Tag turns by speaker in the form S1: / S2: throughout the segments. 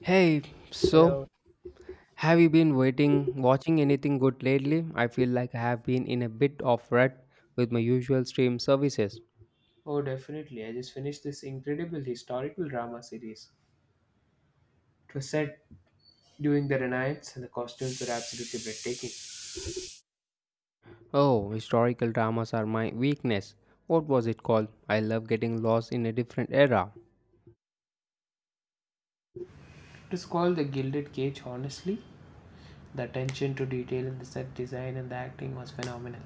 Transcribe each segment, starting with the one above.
S1: Hey, so
S2: Hello.
S1: have you been watching anything good lately? I feel like I have been in a bit of rut with my usual stream services.
S2: Oh, definitely. I just finished this incredible historical drama series. It was set during the Renaissance and the costumes were absolutely breathtaking. It
S1: Oh, historical dramas are my weakness. What was it called? I love getting lost in a different era.
S2: is called The Gilded Cage, honestly. The attention to detail in the set design and the acting was phenomenal.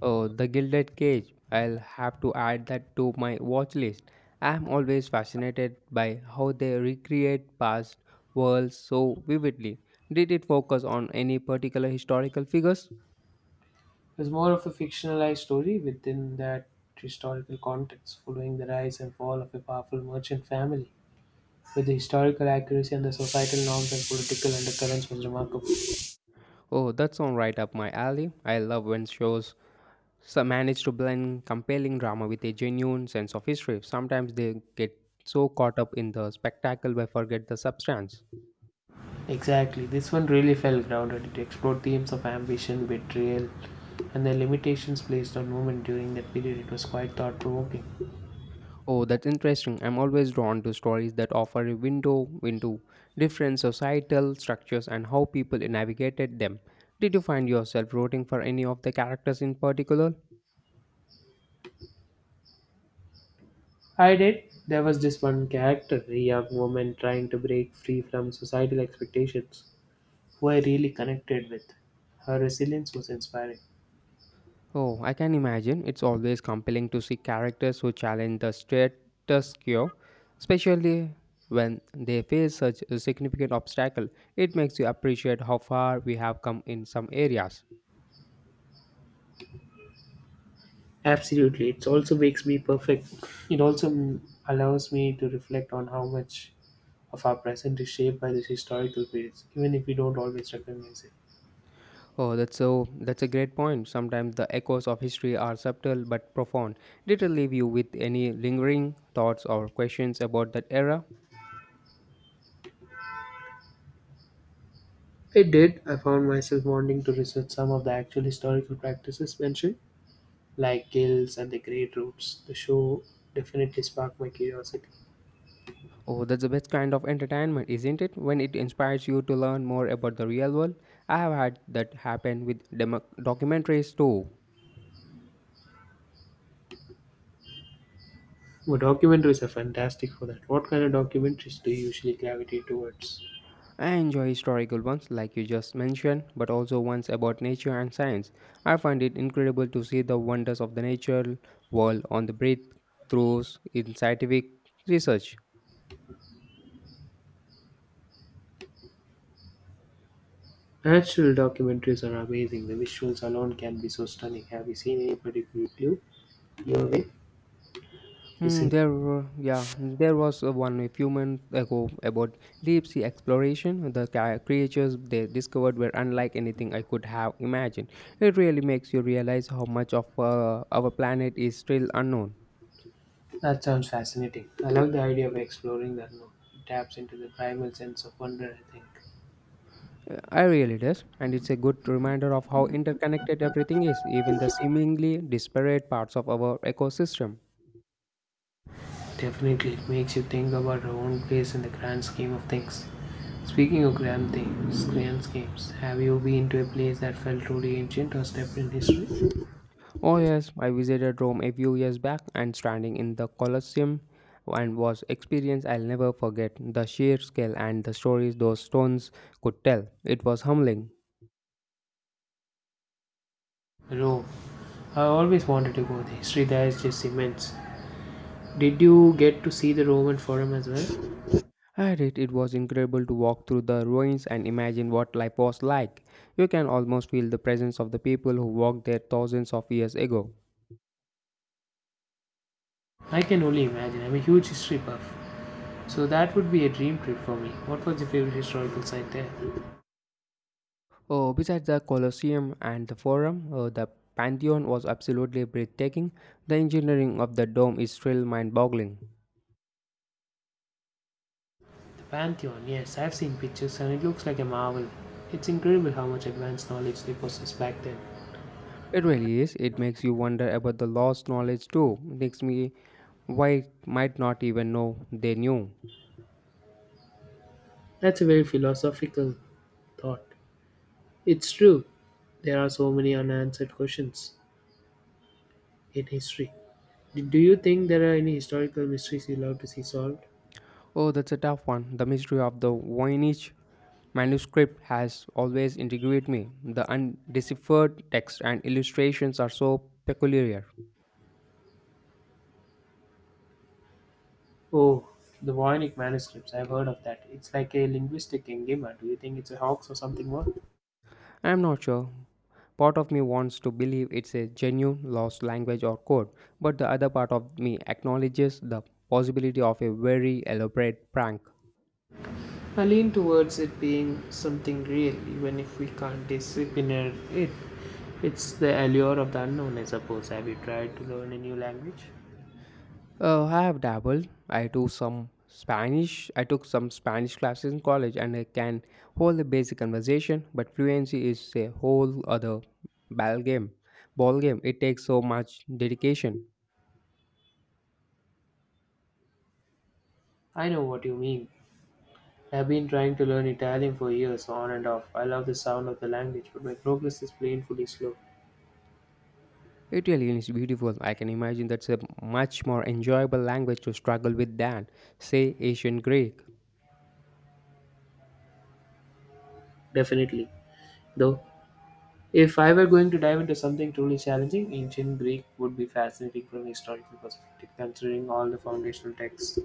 S1: Oh, The Gilded Cage. I'll have to add that to my watch list. I'm always fascinated by how they recreate past worlds so vividly. Did it focus on any particular historical figures?
S2: It was more of a fictionalized story within that historical context, following the rise and fall of a powerful merchant family. With the historical accuracy and the societal norms and political undercurrents was remarkable.
S1: Oh, that's all right up my alley. I love when shows manage to blend compelling drama with a genuine sense of history. Sometimes they get so caught up in the spectacle they forget the substance.
S2: Exactly. This one really felt grounded. It explored themes of ambition, betrayal, and the limitations placed on women during that period. It was quite thought provoking.
S1: Oh, that's interesting. I'm always drawn to stories that offer a window into different societal structures and how people navigated them. Did you find yourself rooting for any of the characters in particular?
S2: I did. There was this one character, a young woman trying to break free from societal expectations, who I really connected with. Her resilience was inspiring.
S1: Oh, I can imagine. It's always compelling to see characters who challenge the status quo, especially when they face such a significant obstacle. It makes you appreciate how far we have come in some areas.
S2: Absolutely. It also makes me perfect. It also allows me to reflect on how much of our present is shaped by these historical periods, even if we don't always recognize it.
S1: Oh, that's a great point. Sometimes the echoes of history are subtle but profound. Did it leave you with any lingering thoughts or questions about that era?
S2: It did. I found myself wanting to research some of the actual historical practices mentioned, like guilds and the great routes. The show definitely sparked my curiosity.
S1: Oh, that's the best kind of entertainment, isn't it? When it inspires you to learn more about the real world. I have had that happen with documentaries too.
S2: Well, documentaries are fantastic for that. What kind of documentaries do you usually gravitate towards?
S1: I enjoy historical ones, like you just mentioned, but also ones about nature and science. I find it incredible to see the wonders of the natural world on the breakthroughs in scientific research.
S2: Natural documentaries are amazing. The visuals alone can be so stunning. Have you seen any particular clue your way?
S1: Hmm,
S2: Listen,
S1: yeah, there was one a few months ago about deep sea exploration. The creatures they discovered were unlike anything I could have imagined. It really makes you realize how much of our planet is still unknown.
S2: that sounds fascinating. I love the idea of exploring that unknown. It taps into the primal sense of wonder, I think.
S1: I really does, and it's a good reminder of how interconnected everything is, even the seemingly disparate parts of our ecosystem.
S2: Definitely, it makes you think about our own place in the grand scheme of things. Speaking of grand things, grand schemes, have you been to a place that felt truly ancient or steeped in history?
S1: Oh, yes, I visited Rome a few years back and standing in the Colosseum and was experience I'll never forget the sheer scale and the stories those stones could tell. It was humbling.
S2: Rome. I always wanted to go. The history there is just immense. Did you get to see the Roman Forum as well?
S1: It was incredible to walk through the ruins and imagine what life was like. You can almost feel the presence of the people who walked there thousands of years ago.
S2: I can only imagine. I'm a huge history buff. So that would be a dream trip for me. What was your favorite historical site there?
S1: Oh, besides the Colosseum and the Forum, the Pantheon was absolutely breathtaking. The engineering of the dome is still mind boggling.
S2: The Pantheon, yes, I've seen pictures and it looks like a marvel. It's incredible how much advanced knowledge they possessed back then.
S1: It really is. It makes you wonder about the lost knowledge too. Makes me why might not even know they knew.
S2: That's a very philosophical thought. It's true. There are so many unanswered questions in history. Do you think there are any historical mysteries you love to see solved?
S1: Oh, that's a tough one. The mystery of the Voynich manuscript has always intrigued me. The undeciphered text and illustrations are so peculiar.
S2: Oh, the Voynich manuscripts. I've heard of that. It's like a linguistic enigma. Do you think it's a hoax or something more?
S1: I am not sure. Part of me wants to believe it's a genuine lost language or code, but the other part of me acknowledges the possibility of a very elaborate prank.
S2: I lean towards it being something real, even if we can't discipline it. It's the allure of the unknown, I suppose. Have you tried to learn a new language?
S1: I have dabbled. I do some Spanish. I took some Spanish classes in college, and I can hold a basic conversation. But fluency is a whole other ball game. Ball game. It takes so much dedication.
S2: I know what you mean. I've been trying to learn Italian for years, on and off. I love the sound of the language, but my progress is painfully slow.
S1: It really is beautiful. I can imagine that's a much more enjoyable language to struggle with than, say, ancient Greek.
S2: Definitely. Though, if I were going to dive into something truly challenging, ancient Greek would be fascinating from a historical perspective, considering all the foundational texts.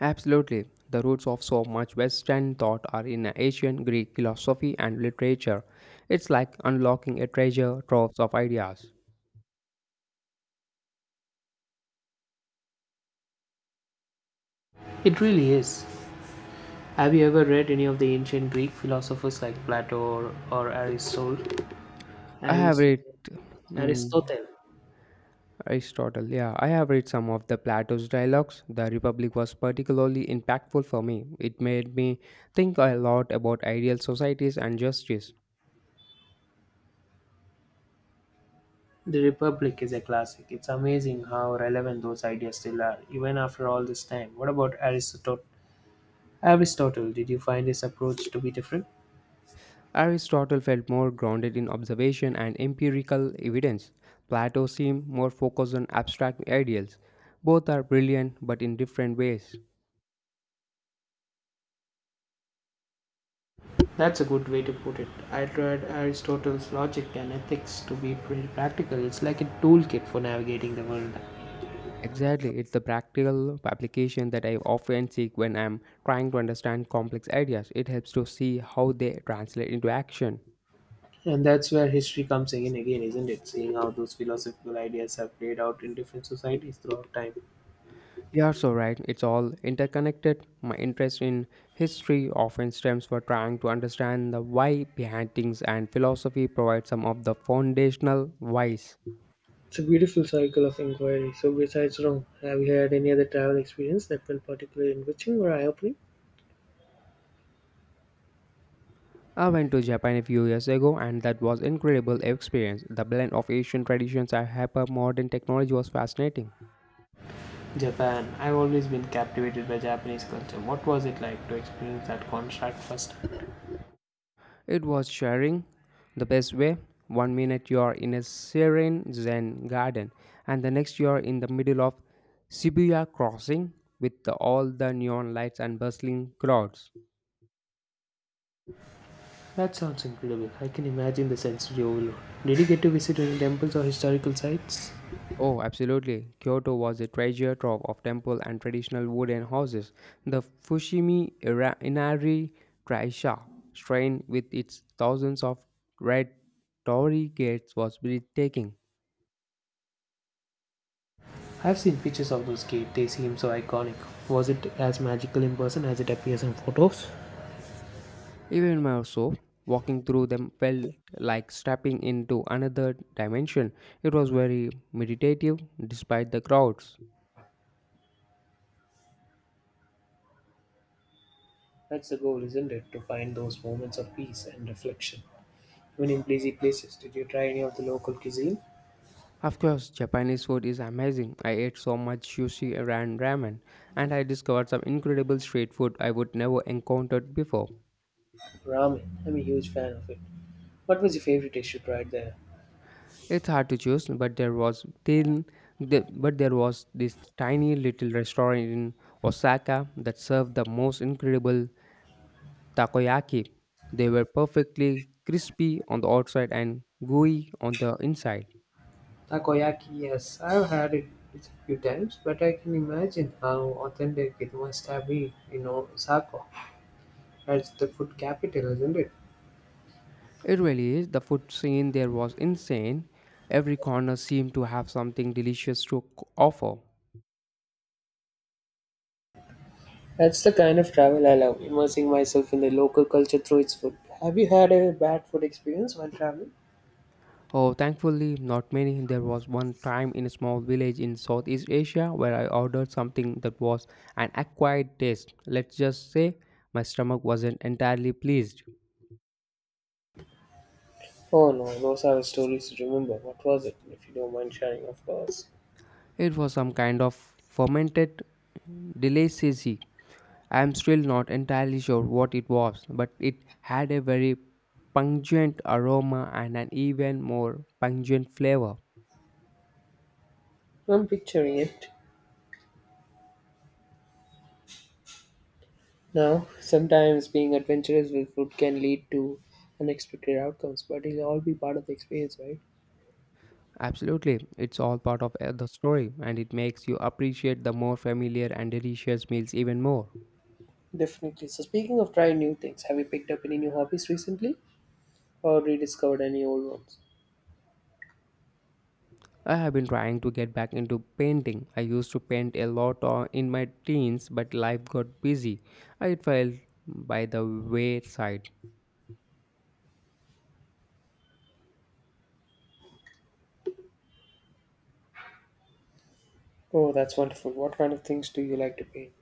S1: Absolutely. The roots of so much Western thought are in ancient Greek philosophy and literature. It's like unlocking a treasure trove of ideas.
S2: It really is. Have you ever read any of the ancient Greek philosophers like Plato or Aristotle?
S1: I have
S2: Aris-
S1: read yeah,
S2: Aristotle.
S1: Aristotle. Yeah, I have read some of the Plato's dialogues. The Republic was particularly impactful for me. It made me think a lot about ideal societies and justice.
S2: The Republic is a classic. It's amazing how relevant those ideas still are, even after all this time. What about Aristotle? Aristotle, did you find his approach to be different?
S1: Aristotle felt more grounded in observation and empirical evidence. Plato seemed more focused on abstract ideals. Both are brilliant, but in different ways.
S2: That's a good way to put it. I tried Aristotle's logic and ethics to be pretty practical. It's like a toolkit for navigating the world.
S1: Exactly, it's the practical application that I often seek when I'm trying to understand complex ideas. It helps to see how they translate into action.
S2: And that's where history comes in again, isn't it? Seeing how those philosophical ideas have played out in different societies throughout time.
S1: You are so right, it's all interconnected. My interest in history often stems from trying to understand the why behind things, and philosophy provides some of the foundational whys.
S2: It's a beautiful cycle of inquiry. So, besides Rome, have you had any other travel experience that felt particularly enriching or eye opening?
S1: I went to Japan a few years ago, and that was incredible experience. The blend of Asian traditions and hyper modern technology was fascinating.
S2: Japan. I've always been captivated by Japanese culture. What was it like to experience that contrast first?
S1: It was sharing the best way. One minute you are in a serene Zen garden, and the next you are in the middle of Shibuya crossing with all the neon lights and bustling crowds.
S2: That sounds incredible. I can imagine the sensory overload. Did you get to visit any temples or historical sites?
S1: Oh, absolutely. Kyoto was a treasure trove of temple and traditional wooden houses. The Fushimi Inari Taisha shrine with its thousands of red torii gates was breathtaking.
S2: I've seen pictures of those caves. They seem so iconic. Was it as magical in person as it appears in photos?
S1: Even more so, walking through them felt like stepping into another dimension. It was very meditative despite the crowds.
S2: That's the goal, isn't it? To find those moments of peace and reflection. Even in busy places, did you try any of the local cuisine?
S1: Of course, Japanese food is amazing. I ate so much sushi and ramen, and I discovered some incredible street food I would never encountered before.
S2: Ramen. I'm a huge fan of it. What was your favorite dish you tried there?
S1: It's hard to choose, but there was thin, the, but there was this tiny little restaurant in Osaka that served the most incredible takoyaki. They were perfectly crispy on the outside and gooey on the inside.
S2: Takoyaki, yes. I've had it a few times, but I can imagine how authentic it must have been in Osaka. That's the food capital, isn't it?
S1: It really is. The food scene there was insane. Every corner seemed to have something delicious to offer.
S2: That's the kind of travel I love, immersing myself in the local culture through its food. Have you had a bad food experience while traveling?
S1: Oh, thankfully, not many. There was one time in a small village in Southeast Asia where I ordered something that was an acquired taste. Let's just say my stomach wasn't entirely pleased.
S2: Oh no, those are the stories to remember. What was it, if you don't mind sharing, of course?
S1: It was some kind of fermented delicacy I'm still not entirely sure what it was, but it had a very pungent aroma and an even more pungent flavor.
S2: I'm picturing it. Now, sometimes being adventurous with food can lead to unexpected outcomes, but it'll all be part of the experience, right?
S1: Absolutely, it's all part of the story, and it makes you appreciate the more familiar and delicious meals even more.
S2: Definitely. So, speaking of trying new things, have you picked up any new hobbies recently or rediscovered any old ones?
S1: I have been trying to get back into painting. I used to paint a lot in my teens, but life got busy. I fell by the wayside.
S2: Oh, that's wonderful. What kind of things do you like to paint?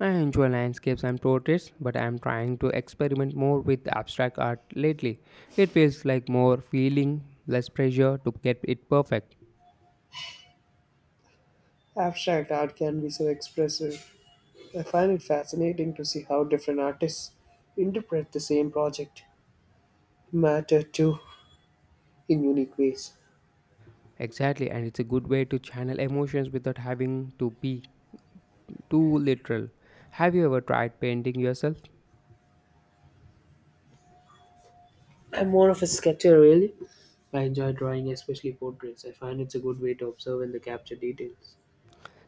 S1: I enjoy landscapes and portraits, but I am trying to experiment more with abstract art lately. It feels like more feeling, less pressure to get it perfect.
S2: Abstract art can be so expressive. I find it fascinating to see how different artists interpret the same project, matter too, in unique ways.
S1: Exactly, and it's a good way to channel emotions without having to be too literal. Have you ever tried painting yourself?
S2: I'm more of a sketcher, really. I enjoy drawing, especially portraits. I find it's a good way to observe and the capture details.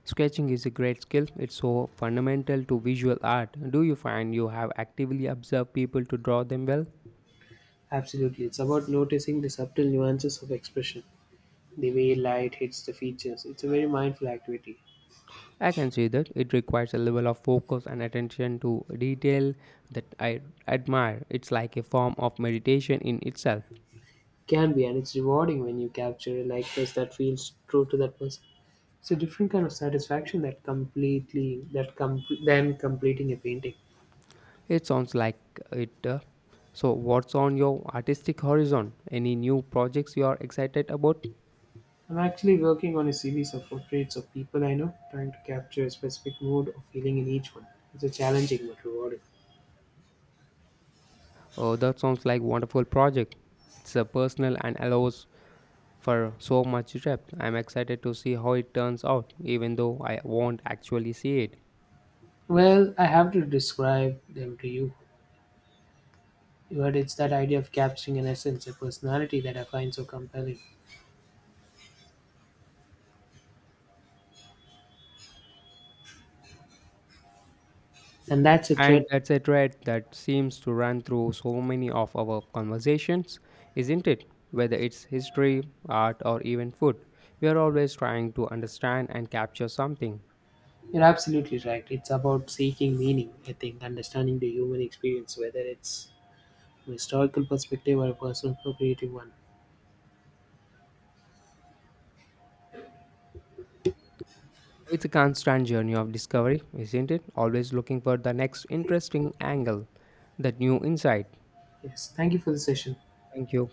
S1: Sketching is a great skill, it's so fundamental to visual art. Do you find you have actively observed people to draw them well?
S2: Absolutely, it's about noticing the subtle nuances of expression, the way light hits the features. It's a very mindful activity.
S1: I can see that it requires a level of focus and attention to detail that I admire. It's like a form of meditation in itself.
S2: Can be, and it's rewarding when you capture a likeness that feels true to that person. It's a different kind of satisfaction that completely that com- than completing a painting.
S1: It sounds like it. So, what's on your artistic horizon? Any new projects you are excited about?
S2: I'm actually working on a series of portraits of people I know, trying to capture a specific mood or feeling in each one. It's a challenging but rewarding.
S1: Oh, that sounds like wonderful project. It's a personal and allows for so much depth. I'm excited to see how it turns out, even though I won't actually see it.
S2: Well, I have to describe them to you, but it's that idea of capturing an essence, a personality that I find so compelling. And that's a
S1: And
S2: thread.
S1: that's a thread that seems to run through so many of our conversations, isn't it? Whether it's history, art, or even food, we are always trying to understand and capture something.
S2: You're absolutely right. It's about seeking meaning, I think, understanding the human experience, whether it's from a historical perspective or a personal, procreative one.
S1: It's a constant journey of discovery, isn't it? Always looking for the next interesting angle, that new insight.
S2: Yes, thank you for the session.
S1: Thank you.